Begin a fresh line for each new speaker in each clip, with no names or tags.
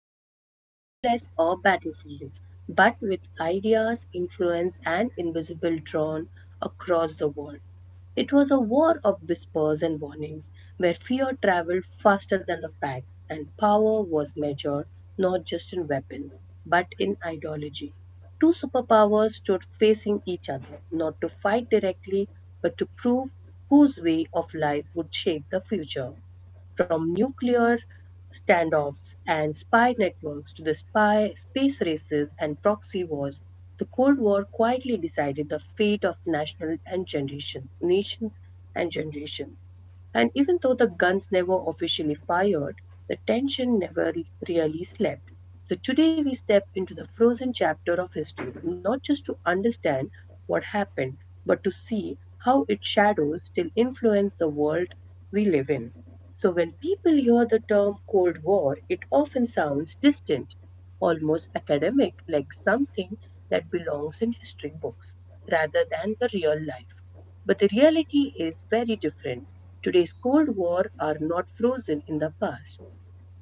wasn't fought with bullets or battlefields, but with ideas, influence, and invisible drawn across the world. It was a war of whispers and warnings, where fear traveled faster than the facts, and power was measured not just in weapons, but in ideology. Two superpowers stood facing each other, not to fight directly, but to prove whose way of life would shape the future from nuclear standoffs and spy networks to the spy space races and proxy wars, the Cold War quietly decided the fate of national and generations, nations and generations. And even though the guns never officially fired, the tension never really slept. So today we step into the frozen chapter of history, not just to understand what happened, but to see how its shadows still influence the world we live in. So when people hear the term Cold War, it often sounds distant, almost academic, like something that belongs in history books rather than the real life. But the reality is very different. Today's Cold War are not frozen in the past.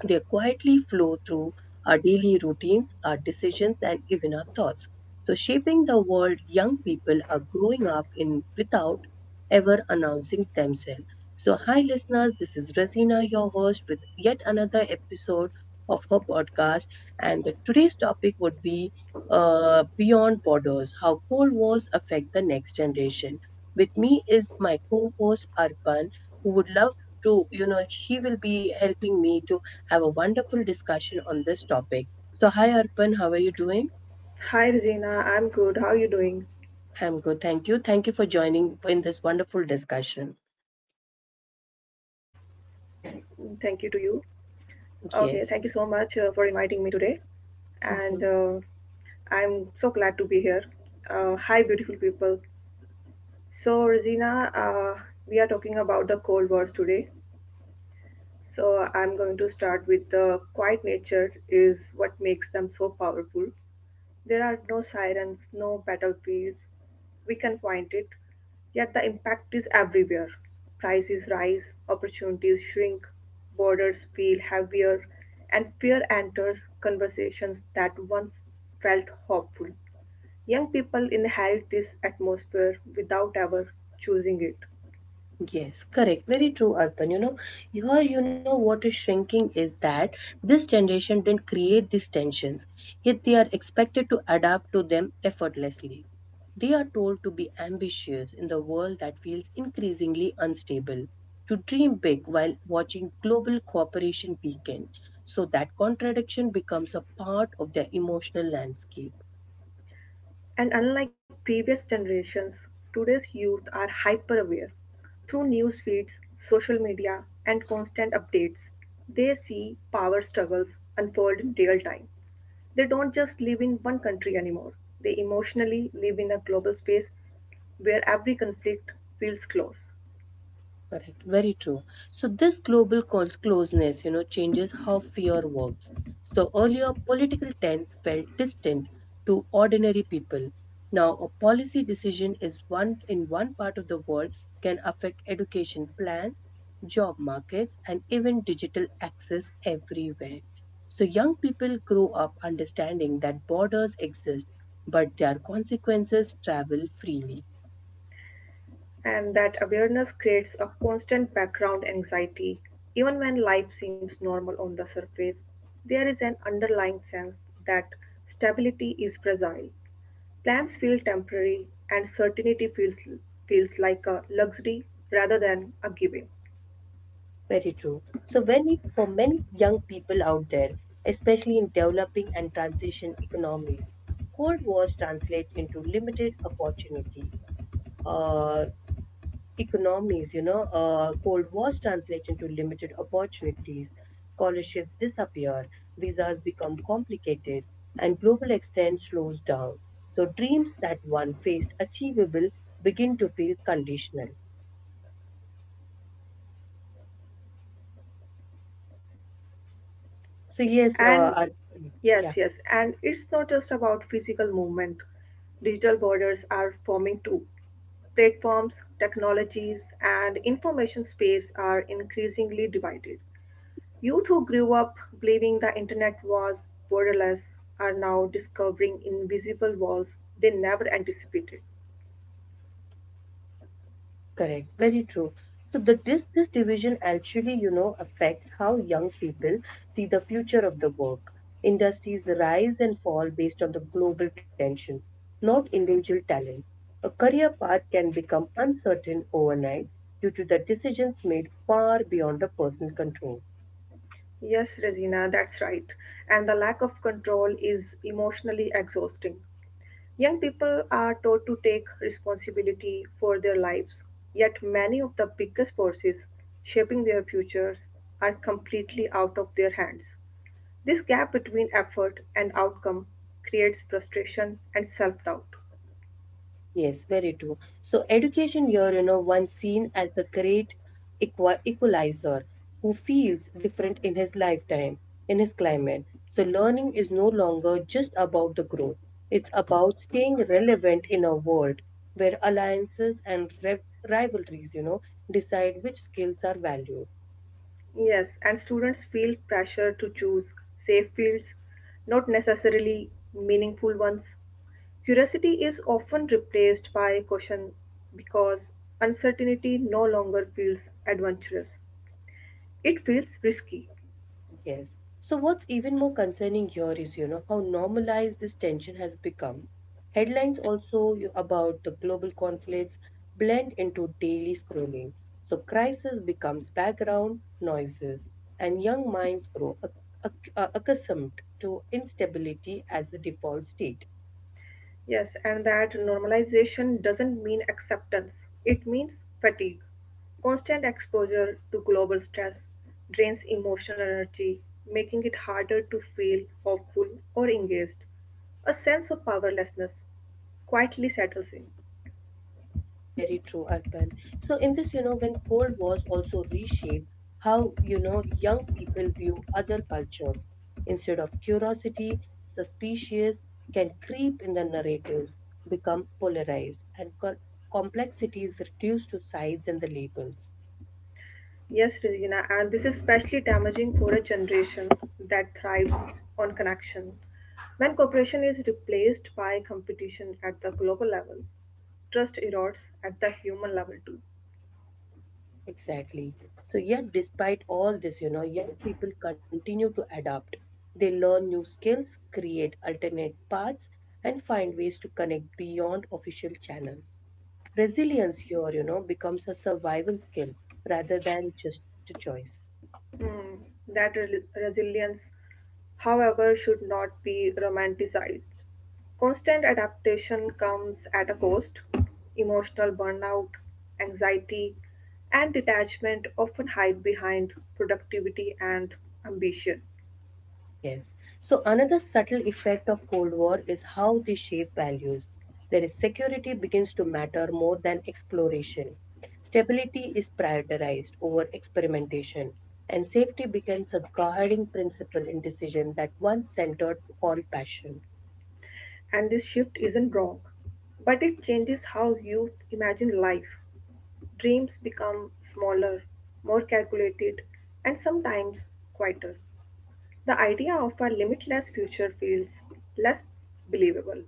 They quietly flow through our daily routines, our decisions, and even our thoughts. So, shaping the world young people are growing up in without ever announcing themselves. So, hi listeners, this is Rasina, your host, with yet another episode of her podcast. Today's topic would be Beyond Borders How Cold Wars Affect the Next Generation. With me is my co host, Arpan, who would love to she will be helping me to have a wonderful discussion on this topic. So, hi Arpan, how are you doing?
Hi, Regina. I'm good. How are you doing?
I'm good, thank you. Thank you for joining in this wonderful discussion.
Mm, thank you to you. Okay, thank you so much for
Yes.
inviting me today. And
Mhm.
I'm so glad to be here. Hi, beautiful people. So, Regina, we are talking about the Cold Wars today. So I'm going to start with the quiet nature is what makes them so powerful. There are no sirens, no battlefields. We can point it, yet the impact is everywhere. Prices rise, opportunities shrink, borders feel heavier, and fear enters conversations that once felt hopeful. Young people inherit this atmosphere without ever choosing it.
Yes, correct. Very true, Arpan. You know, here you know what is shrinking is that this generation didn't create these tensions, yet they are expected to adapt to them effortlessly. They are told to be ambitious in the world that feels increasingly unstable, to dream big while watching global cooperation weaken. So that contradiction becomes a part of their emotional landscape.
And unlike previous generations, today's youth are hyper-aware. Through news feeds, social media, and constant updates, they see power struggles unfold in real time. They don't just live in one country anymore. They emotionally live in a global space where every conflict feels close.
Correct, very true. So closeness, you know, changes how fear works. So earlier, political tense felt distant to ordinary people. Now, a policy decision is one in one part of the world can affect education plans, job markets, and even digital access everywhere. So young people grow up understanding that borders exist, but their consequences travel freely.
And that awareness creates a constant background anxiety. Even when life seems normal on the surface, there is an underlying sense that stability is fragile. Plans feel temporary and certainty feels like a luxury rather than a giving.
Very true. So when it, for many young people out there, especially in developing and transition economies, Cold Wars translate into limited opportunity. Uh, Cold Wars translate into limited opportunities. Scholarships disappear, visas become complicated, and global extent slows down. So dreams that one faced achievable begin to feel conditional. So yes,
And
yeah.
yes, and it's not just about physical movement. Digital borders are forming too. Platforms, technologies, and information space are increasingly divided. Youth who grew up believing the internet was borderless are now discovering invisible walls they never anticipated.
Correct, very true. So the this this division actually, you know, affects how young people see the future of the work. Industries rise and fall based on the global tensions, not individual talent. A career path can become uncertain overnight due to the decisions made far beyond the personal control.
Yes, Regina, that's right. And the lack of control is emotionally exhausting. Young people are taught to take responsibility for their lives, yet many of the biggest forces shaping their futures are completely out of their hands. This gap between effort and outcome creates frustration and self doubt.
Yes, very true. So education here, you know, once seen as the great equalizer who feels different in his lifetime, in his climate. So learning is no longer just about the growth. It's about staying relevant in a world where alliances and rivalries, you know, decide which skills are valued.
Yes, and students feel pressure to choose safe fields, not necessarily meaningful ones. Curiosity is often replaced by caution because uncertainty no longer feels adventurous. It feels risky.
Yes. So, what's even more concerning here is, you know, how normalized this tension has become. Headlines also about the global conflicts blend into daily scrolling. So, crisis becomes background noises, and young minds grow accustomed to instability as the default state.
Yes, and that normalization doesn't mean acceptance, it means fatigue. Constant exposure to global stress drains emotional energy, making it harder to feel hopeful or engaged. A sense of powerlessness quietly settles in.
Very true, Arpan. So in this, you know, when Cold Wars also reshape how, you know, young people view other cultures. Instead of curiosity, suspicious can creep in the narratives, become polarized, and complexity is reduced to sides and the labels.
Yes, Regina, and this is especially damaging for a generation that thrives on connection. When cooperation is replaced by competition at the global level, trust erodes at the human level too.
Exactly. So yet, despite all this, you know, young people continue to adapt. They learn new skills, create alternate paths, and find ways to connect beyond official channels. Resilience here, you know, becomes a survival skill rather than just a choice.
Mm, that re- resilience, however, should not be romanticized. Constant adaptation comes at a cost. Emotional burnout, anxiety, and detachment often hide behind productivity and ambition.
Yes. So another subtle effect of Cold War is how they shape values. There is security begins to matter more than exploration. Stability is prioritized over experimentation, and safety becomes a guiding principle in decisions that once centered on passion.
And this shift isn't wrong, but it changes how youth imagine life. Dreams become smaller, more calculated, and sometimes quieter. The idea of a limitless future feels less believable,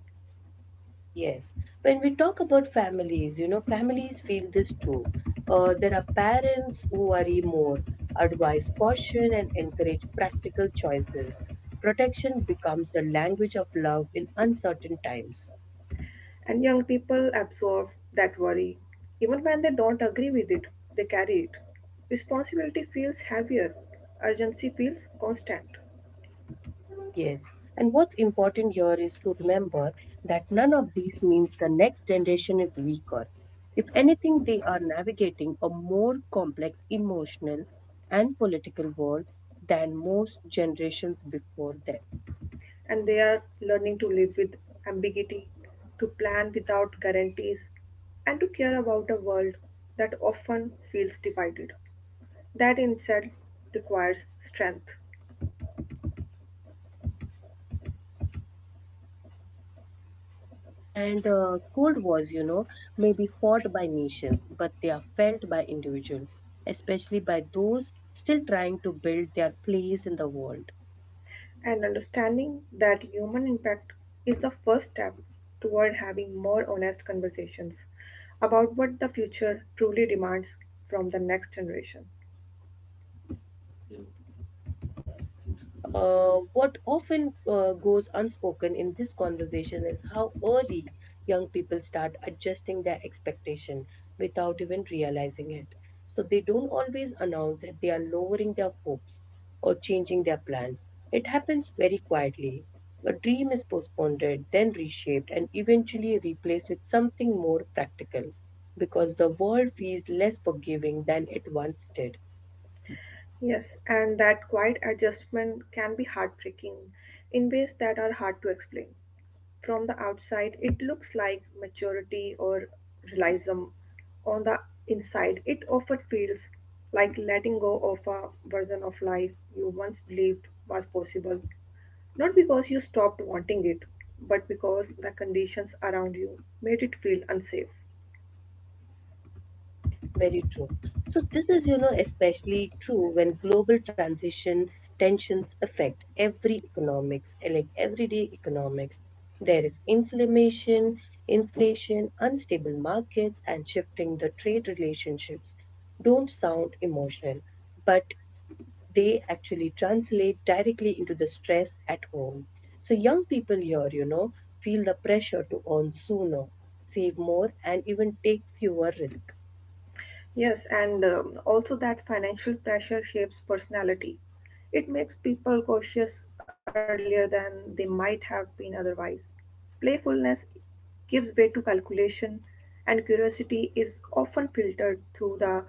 Yes. When we talk about families, you know, families feel this too. There are parents who worry more, advise caution, and encourage practical choices. Protection becomes the language of love in uncertain times.
and young people absorb that worry. Even when they don't agree with it, they carry it. Responsibility feels heavier, urgency feels constant,
Yes. And what's important here is to remember that none of these means the next generation is weaker. If anything, they are navigating a more complex emotional and political world than most generations before them.
and they are learning to live with ambiguity, to plan without guarantees, and to care about a world that often feels divided. That in itself requires strength.
And Cold wars, you know, may be fought by nations, but they are felt by individuals, especially by those still trying to build their place in the world.
And understanding that human impact is the first step toward having more honest conversations about what the future truly demands from the next generation.
What often goes unspoken in this conversation is how early young people start adjusting their expectation without even realizing it. So they don't always announce that they are lowering their hopes or changing their plans. It happens very quietly. A dream is postponed, then reshaped, and eventually replaced with something more practical because the world feels less forgiving than it once did.
Yes, and that quiet adjustment can be heartbreaking in ways that are hard to explain. From the outside it looks like maturity or realism. On the inside it often feels like letting go of a version of life you once believed was possible, not because you stopped wanting it, but because the conditions around you made it feel unsafe.
Very true. So this is, you know, especially true when global transition tensions affect every economics, like everyday economics. There is inflation, unstable markets, and shifting the trade relationships. Don't sound emotional, but they actually translate directly into the stress at home. So young people here, you know, feel the pressure to earn sooner, save more, and even take fewer risks.
Yes, and also that financial pressure shapes personality. It makes people cautious earlier than they might have been otherwise. Playfulness gives way to calculation, and curiosity is often filtered through the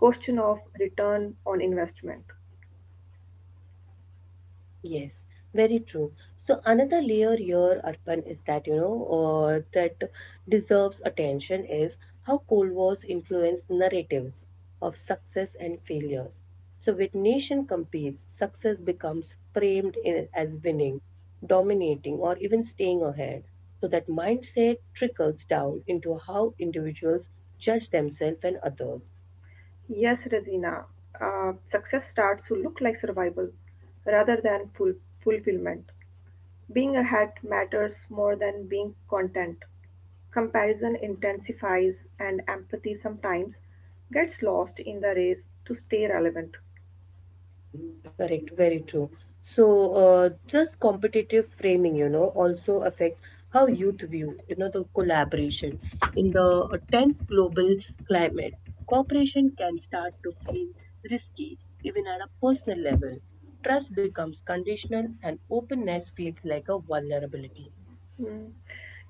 question of return on investment.
Yes, very true. So another layer here, Arpan, is that that deserves attention is how Cold Wars influenced narratives of success and failures. So with nation compete, success becomes framed in, as winning, dominating, or even staying ahead. So that mindset trickles down into how individuals judge themselves and others.
Yes, Regina, success starts to look like survival rather than fulfillment. Being ahead matters more than being content. Comparison intensifies, and empathy sometimes gets lost in the race to stay relevant.
Correct, very true. So, just competitive framing, you know, also affects how youth view, you know, the collaboration. In the tense global climate, cooperation can start to feel risky, even at a personal level. Trust becomes conditional, and openness feels like a vulnerability.
Hmm.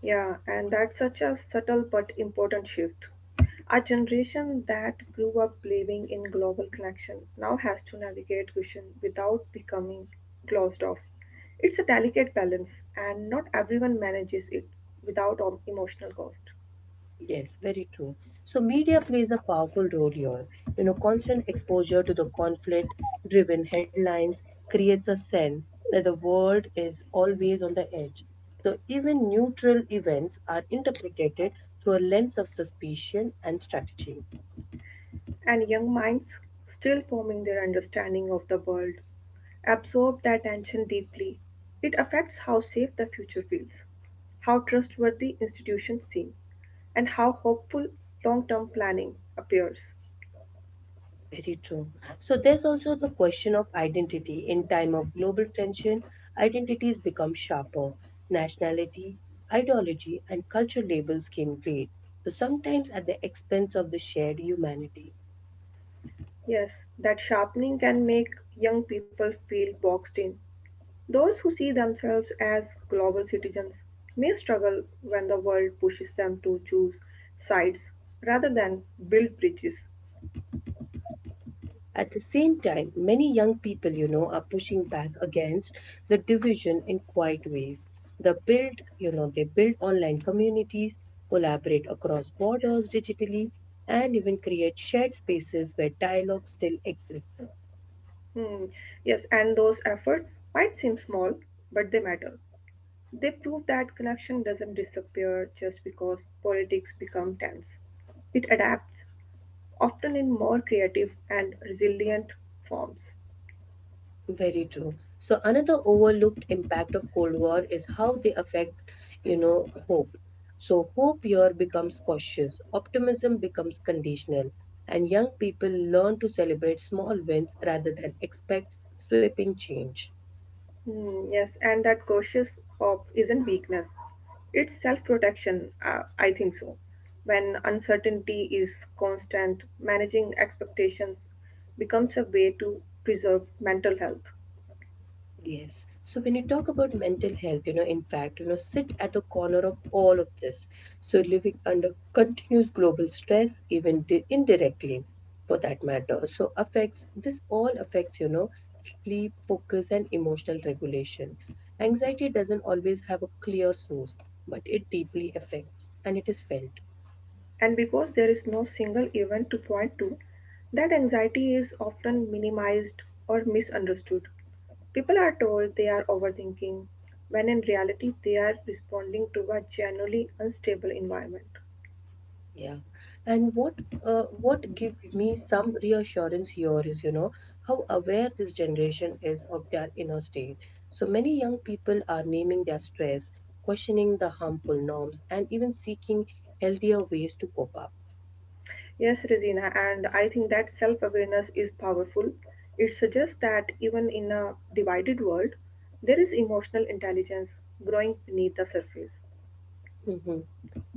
Yeah, and that's such a subtle but important shift. A generation that grew up believing in global connection now has to navigate cushion without becoming closed off. It's a delicate balance, and not everyone manages it without emotional cost.
Yes, very true. So media plays a powerful role here. You know, constant exposure to the conflict driven headlines creates a sense that the world is always on the edge. So even neutral events are interpreted through a lens of suspicion and strategy.
And young minds still forming their understanding of the world absorb that tension deeply. It affects how safe the future feels, how trustworthy institutions seem, and how hopeful long term planning appears.
Very true. So there's also the question of identity. In time of global tension, identities become sharper. Nationality, ideology, and culture labels can fade. So sometimes at the expense of the shared humanity.
Yes, that sharpening can make young people feel boxed in. Those who see themselves as global citizens may struggle when the world pushes them to choose sides rather than build bridges.
At the same time, many young people, you know, are pushing back against the division in quiet ways. They build online communities, collaborate across borders digitally, and even create shared spaces where dialogue still exists.
Hmm. Yes, and those efforts might seem small, but they matter. They prove that connection doesn't disappear just because politics become tense. It adapts, often in more creative and resilient forms.
Very true. So another overlooked impact of Cold War is how they affect, you know, hope. So hope here becomes cautious, optimism becomes conditional, and young people learn to celebrate small wins rather than expect sweeping change.
Hmm. Yes, and that cautious hope isn't weakness. It's self-protection, I think so. When uncertainty is constant, managing expectations becomes a way to preserve mental health.
Yes. So when you talk about mental health, you know, in fact, you know, sit at the corner of all of this. So living under continuous global stress, even indirectly for that matter. So affects this all affects, you know, sleep, focus, and emotional regulation. Anxiety doesn't always have a clear source, but it deeply affects and it is felt.
And because there is no single event to point to, that anxiety is often minimized or misunderstood. People are told they are overthinking, when in reality they are responding to a generally unstable environment.
Yeah, and what give me some reassurance here is, you know, how aware this generation is of their inner state. So many young people are naming their stress, questioning the harmful norms, and even seeking healthier ways to cope up.
Yes, Regina, and I think that self awareness is powerful. It suggests that even in a divided world, there is emotional intelligence growing beneath the surface.
Mhm.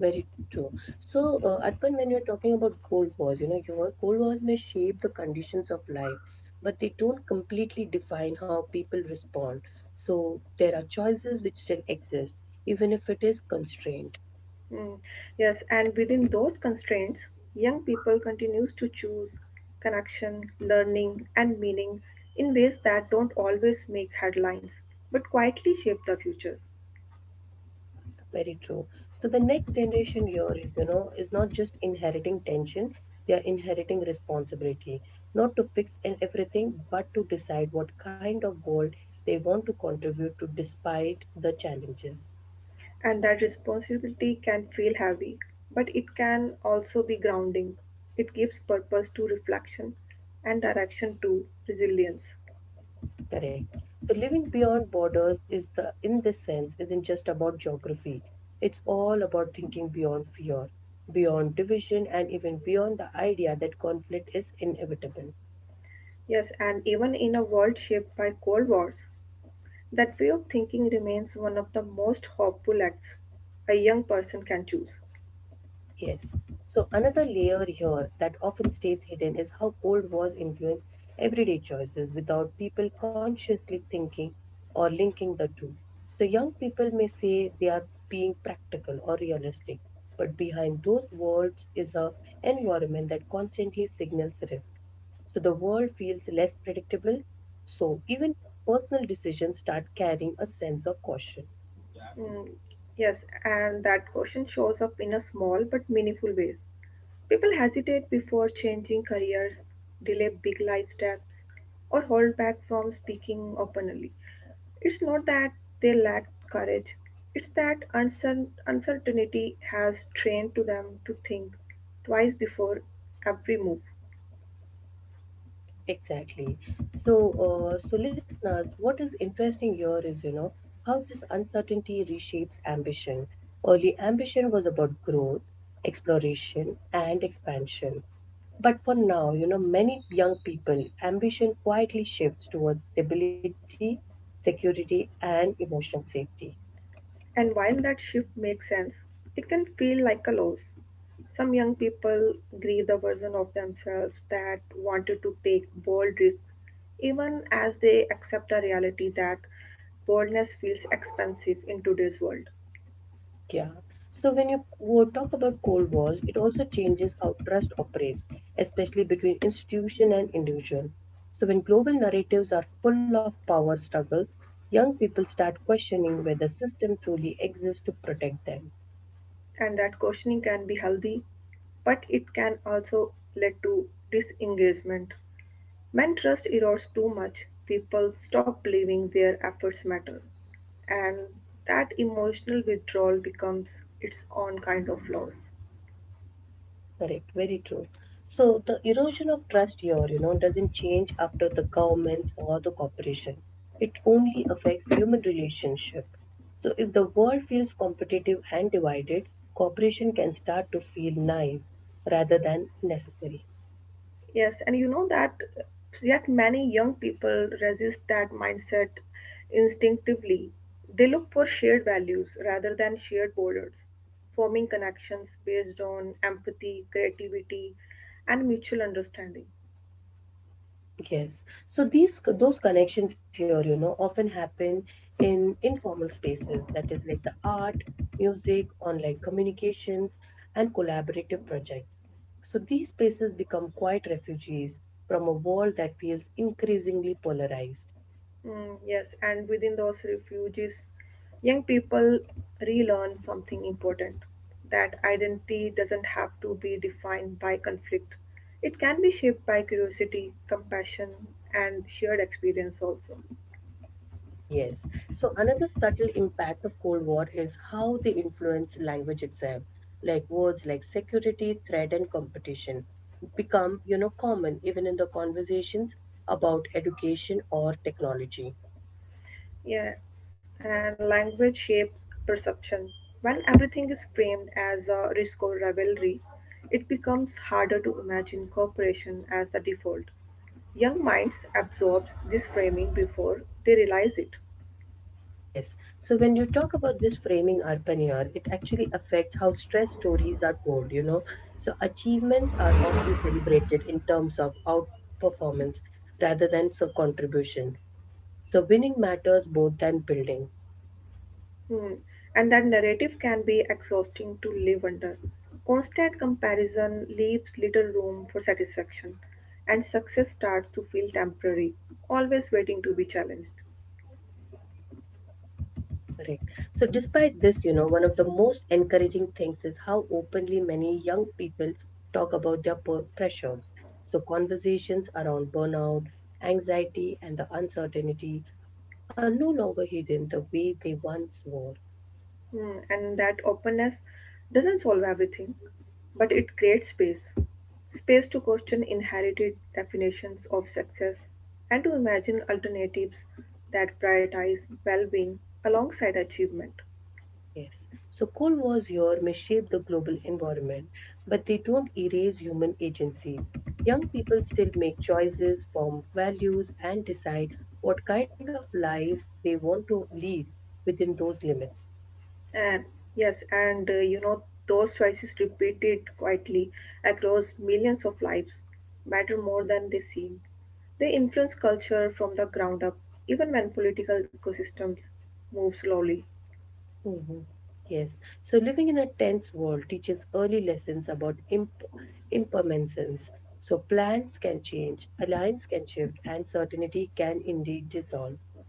Very true. Arpan, when you're talking about cold wars, you know, your cold wars may shape the conditions of life, but they don't completely define how people respond. So, there are choices which still exist, even if it is constrained.
Mm, yes, and within those constraints, young people continues to choose connection, learning, and meaning in ways that don't always make headlines, but quietly shape the future.
Very true. So, the next generation here is, you know, is not just inheriting tension, they are inheriting responsibility, not to fix and everything, but to decide what kind of world they want to contribute to despite the challenges.
And that responsibility can feel heavy, but it can also be grounding. It gives purpose to reflection and direction to resilience.
Correct. So living beyond borders is the in this sense isn't just about geography. It's all about thinking beyond fear, beyond division, and even beyond the idea that conflict is inevitable.
Yes, and even in a world shaped by cold wars, that way of thinking remains one of the most hopeful acts a young person can choose.
Yes. So another layer here that often stays hidden is how old wars influence everyday choices without people consciously thinking or linking the two. So young people may say they are being practical or realistic, but behind those words is a environment that constantly signals risk. So the world feels less predictable. So even personal decisions start carrying a sense of caution.
Mm, yes, and that question shows up in a small but meaningful ways. People hesitate before changing careers, delay big life steps, or hold back from speaking openly. It's not that they lack courage, it's that uncertainty has trained to them to think twice before every move.
Exactly. So listeners, what is interesting here is, you know, how this uncertainty reshapes ambition. Early ambition was about growth, exploration, and expansion. But for now, you know, many young people, ambition quietly shifts towards stability, security, and emotional safety.
And while that shift makes sense, it can feel like a loss. Some young people grieve the version of themselves that wanted to take bold risks, even as they accept the reality that boldness feels expensive in today's world.
Yeah. So when you talk about cold wars, it also changes how trust operates, especially between institution and individual. So when global narratives are full of power struggles, young people start questioning whether system truly exists to protect them.
And that questioning can be healthy, but it can also lead to disengagement. When trust erodes too much, people stop believing their efforts matter, and that emotional withdrawal becomes its own kind of loss.
Correct, very true. So the erosion of trust here, you know, doesn't change after the governments or the corporation. It only affects human relationship. So if the world feels competitive and divided, cooperation can start to feel naive rather than necessary.
Yes, and you know that yet many young people resist that mindset instinctively. They look for shared values rather than shared borders, forming connections based on empathy, creativity, and mutual understanding.
Yes. So these those connections here, you know, often happen in informal spaces, that is like the art, music, online communications, and collaborative projects. So these spaces become quiet refugees from a world that feels increasingly polarized.
Mm, yes, and within those refuges, young people relearn something important, that identity doesn't have to be defined by conflict. It can be shaped by curiosity, compassion, and shared experience, also.
Yes. So another subtle impact of Cold War is how they influence language itself. Like words like security, threat, and competition become, you know, common even in the conversations about education or technology.
Yes, and language shapes perception. When everything is framed as a risk or rivalry, it becomes harder to imagine cooperation as the default. Young minds absorb this framing before they realize it.
Yes. So when you talk about this framing urban year, it actually affects how stress stories are told, you know. So achievements are often celebrated in terms of outperformance rather than sub contribution. So winning matters more than building.
Hmm. And that narrative can be exhausting to live under. Constant comparison leaves little room for satisfaction, and success starts to feel temporary, always waiting to be challenged.
Correct. So, despite this, you know, one of the most encouraging things is how openly many young people talk about their pressures. So, conversations around burnout, anxiety, and the uncertainty are no longer hidden the way they once were.
Hmm. And that openness doesn't solve everything, but it creates space to question inherited definitions of success and to imagine alternatives that prioritize well being alongside achievement.
Yes. So, cold wars here may shape the global environment, but they don't erase human agency. Young people still make choices, form values, and decide what kind of lives they want to lead within those limits.
And yes, and you know, those choices repeated quietly across millions of lives matter more than they seem. They influence culture from the ground up, even when political ecosystems move slowly.
Mhm. Yes. So living in a tense world teaches early lessons about impermanence. So plans can change, alliance can shift, and certainty can indeed dissolve.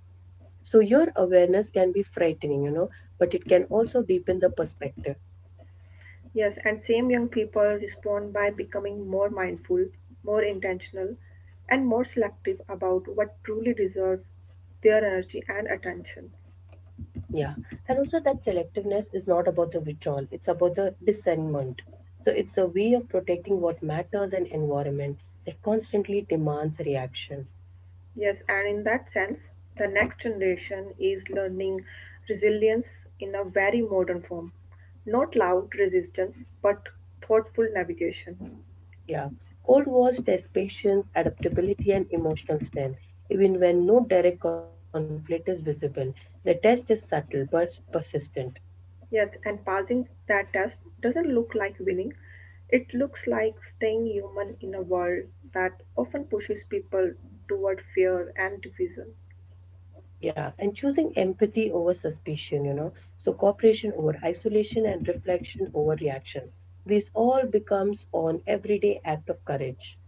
So your awareness can be frightening, you know, but it can also deepen the perspective.
Yes, and same young people respond by becoming more mindful, more intentional, and more selective about what truly deserves their energy and attention.
Yeah. And also that selectiveness is not about the withdrawal, it's about the discernment. So it's a way of protecting what matters and environment that constantly demands reaction.
Yes, and in that sense, the next generation is learning resilience in a very modern form. Not loud resistance, but thoughtful navigation.
Yeah, Cold Wars tests patience, adaptability, and emotional strength. Even when no direct conflict is visible, the test is subtle but persistent.
Yes, and passing that test doesn't look like winning. It looks like staying human in a world that often pushes people toward fear and division.
Yeah, and choosing empathy over suspicion, you know, so cooperation over isolation and reflection over reaction. This all becomes an everyday act of courage.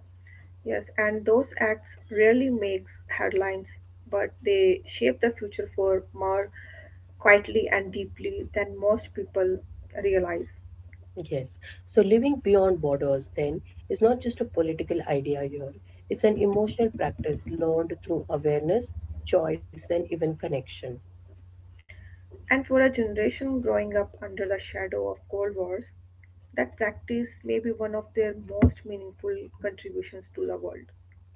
Yes, and those acts rarely makes headlines, but they shape the future for more quietly and deeply than most people realize.
Yes, so living beyond borders then is not just a political idea here, it's an emotional practice learned through awareness, choice, and even connection.
And for a generation growing up under the shadow of Cold Wars, that practice may be one of their most meaningful contributions to the world.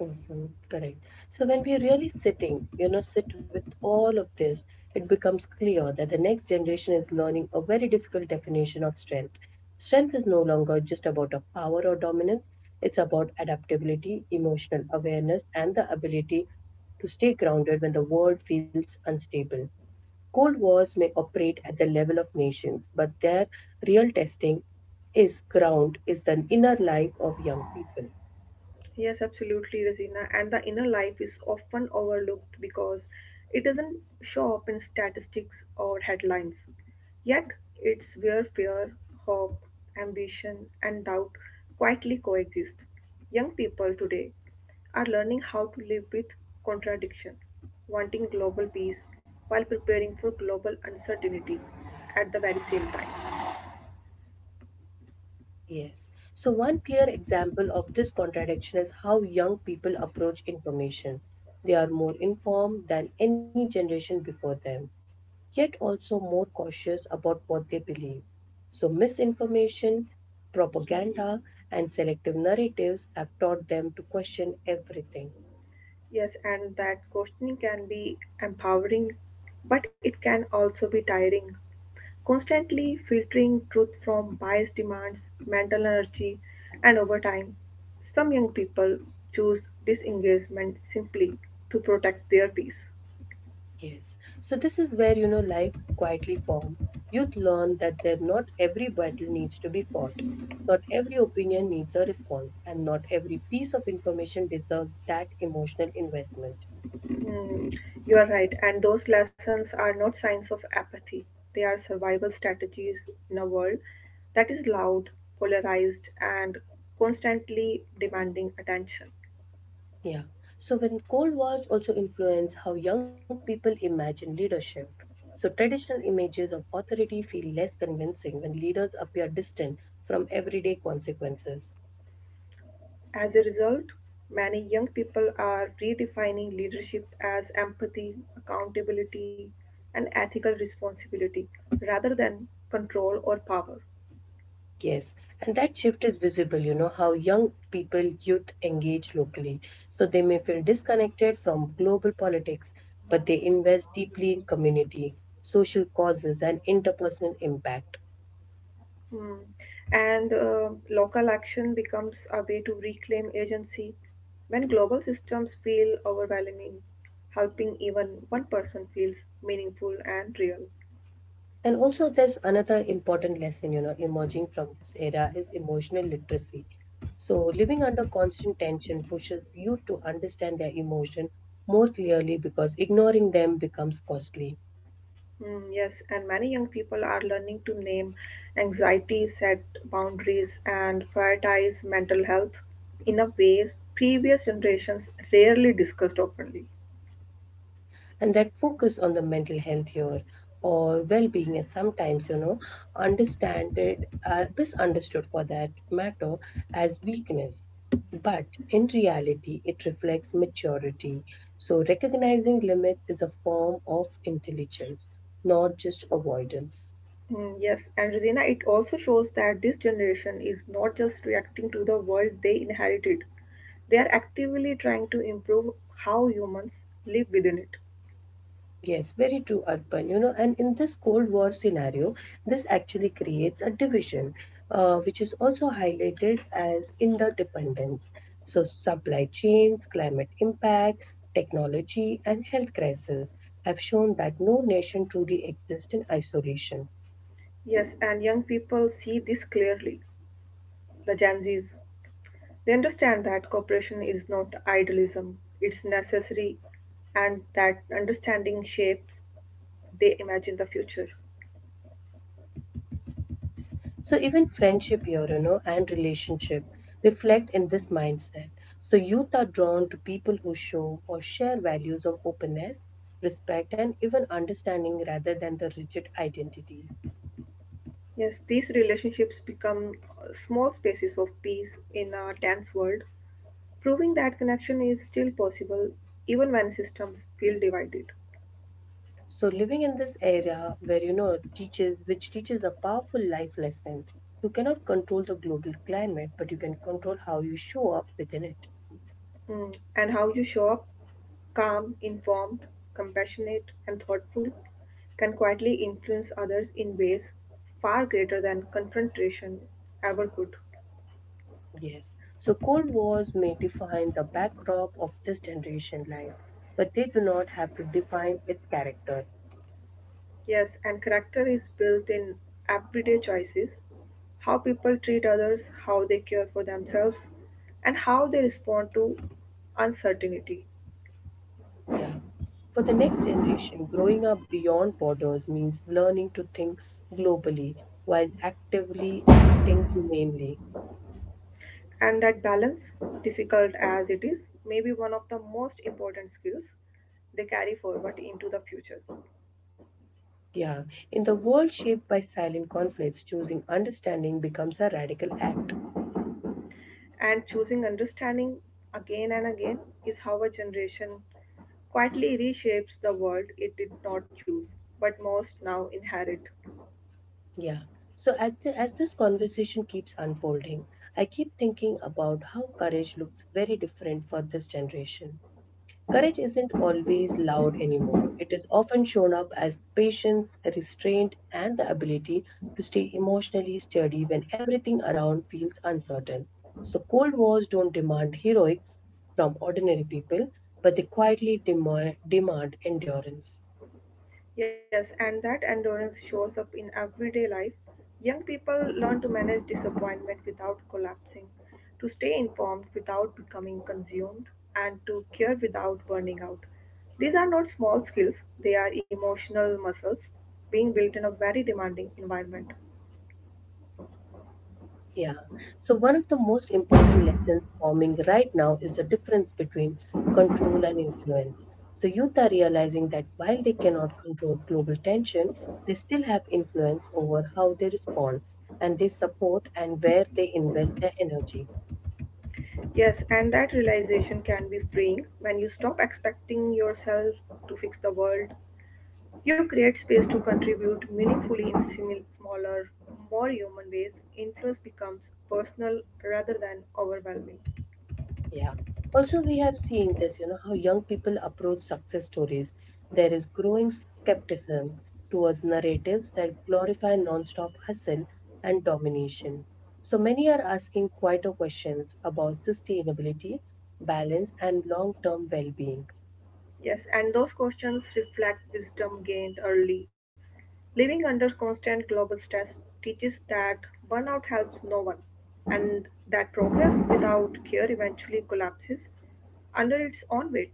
Mhm, correct. So when we are really sitting, you know, sit with all of this, it becomes clear that the next generation is learning a very difficult definition of strength. Strength is no longer just about a power or dominance. It's about adaptability, emotional awareness, and the ability to stay grounded when the world feels unstable. Cold wars may operate at the level of nations, but their real testing is ground is the inner life of young people.
Yes, absolutely, Razina. And the inner life is often overlooked because it doesn't show up in statistics or headlines. Yet, it's where fear, hope, ambition, and doubt quietly coexist. Young people today are learning how to live with contradiction, wanting global peace while preparing for global uncertainty at the very same time.
Yes. So, one clear example of this contradiction is how young people approach information. They are more informed than any generation before them, yet also more cautious about what they believe. So, misinformation, propaganda, and selective narratives have taught them to question everything.
Yes, and that questioning can be empowering, but it can also be tiring. Constantly filtering truth from biased demands mental energy, and over time, some young people choose disengagement simply to protect their peace.
Yes. So this is where you know life quietly form. Youth learn that not every battle needs to be fought. Not every opinion needs a response, and not every piece of information deserves that emotional investment.
Mm, you are right, and those lessons are not signs of apathy. They are survival strategies in a world that is loud, polarized, and constantly demanding attention.
Yeah. So when Cold Wars also influence how young people imagine leadership. So traditional images of authority feel less convincing when leaders appear distant from everyday consequences.
As a result, many young people are redefining leadership as empathy, accountability, and ethical responsibility rather than control or power.
Yes, and that shift is visible, you know, how young people, youth engage locally. So they may feel disconnected from global politics, but they invest deeply in community, social causes, and interpersonal impact.
Hmm. And local action becomes a way to reclaim agency when global systems feel overwhelming, helping even one person feels meaningful and real.
And also, there's another important lesson, you know, emerging from this era is emotional literacy. So living under constant tension pushes youth to understand their emotion more clearly because ignoring them becomes costly.
Mm, yes, and many young people are learning to name anxiety, set boundaries, and prioritize mental health in a ways previous generations rarely discussed openly.
Yes, and that focus on the mental health here or well-being is sometimes, you know, understand it, misunderstood for that matter as weakness. But in reality, it reflects maturity. So recognizing limits is a form of intelligence, not just avoidance.
Mm, yes, and Regina, it also shows that this generation is not just reacting to the world they inherited, they are actively trying to improve how humans live within it.
Yes, very true, Arpan. You know, and in this Cold War scenario, this actually creates a division, which is also highlighted as interdependence. So, supply chains, climate impact, technology, and health crisis have shown that no nation truly exists in isolation.
Yes, and young people see this clearly, the Gen Zs. They understand that cooperation is not idealism, it's necessary, and that understanding shapes they imagine the future.
Yes. So even friendship here, you know, and relationship reflect in this mindset. So youth are drawn to people who show or share values of openness, respect, and even understanding rather than the rigid identities.
Yes, these relationships become small spaces of peace in a tense world, proving that connection is still possible even when systems feel divided.
So living in this area where you know teaches which teaches a powerful life lesson. You cannot control the global climate, but you can control how you show up within it.
Mm, and how you show up calm, informed, compassionate, and thoughtful can quietly influence others in ways far greater than confrontation ever could.
Yes. So cold wars may define the backdrop of this generation life, but they do not have to define its character.
Yes, and character is built in everyday choices, how people treat others, how they care for themselves, and how they respond to uncertainty.
Yeah. For the next generation, growing up beyond borders means learning to think globally while actively acting humanely.
And that balance, difficult as it is, may be one of the most important skills they carry forward into the future.
Yeah. In the world shaped by silent conflicts, choosing understanding becomes a radical act.
And choosing understanding again and again is how a generation quietly reshapes the world it did not choose, but most now inherit.
Yeah. So at the, as this conversation keeps unfolding, I keep thinking about how courage looks very different for this generation. Courage isn't always loud anymore. It is often shown up as patience, restraint, and the ability to stay emotionally steady when everything around feels uncertain. So, Cold Wars don't demand heroics from ordinary people, but they quietly demand, demand endurance.
Yes, and that endurance shows up in everyday life. Young people learn to manage disappointment without collapsing, to stay informed without becoming consumed, and to care without burning out. These are not small skills, they are emotional muscles being built in a very demanding environment.
Yeah. So, one of the most important lessons forming right now is the difference between control and influence. So, youth are realizing that while they cannot control global tension, they still have influence over how they respond and they support and where they invest their energy.
Yes, and that realization can be freeing when you stop expecting yourself to fix the world. You create space to contribute meaningfully in smaller, more human ways. Influence becomes personal rather than overwhelming.
Yeah. Also, we have seen this, you know, how young people approach success stories. There is growing skepticism towards narratives that glorify nonstop hustle and domination. So many are asking quieter questions about sustainability, balance, and long term well being.
Yes, and those questions reflect wisdom gained early. Living under constant global stress teaches that burnout helps no one, and that progress without care eventually collapses under its own weight.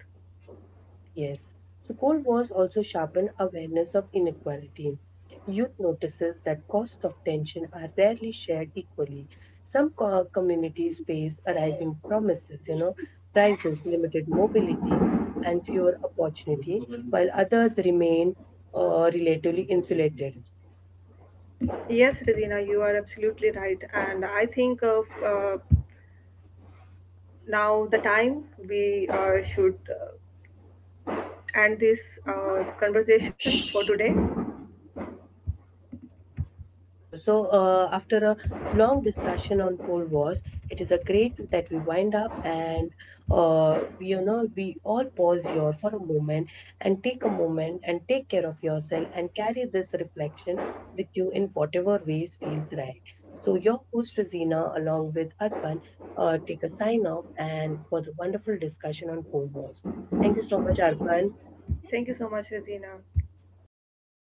Yes. So Cold Wars also sharpen awareness of inequality. Youth notices that costs of tension are rarely shared equally. Some communities face a rising promises, you know, prices, limited mobility, and fewer opportunity, while others remain relatively insulated.
Yes, Regina, you are absolutely right. And I think of now the time we should end this conversation for today.
True. So, after a long discussion on Cold Wars, it is a great that we wind up and we, you know we all pause here for a moment and take a moment and take care of yourself and carry this reflection with you in whatever ways feels right. So, your host Rosina, along with Arpan, take a sign off and for the wonderful discussion on Cold Wars. Thank you so much, Arpan.
Thank you so much, Regina.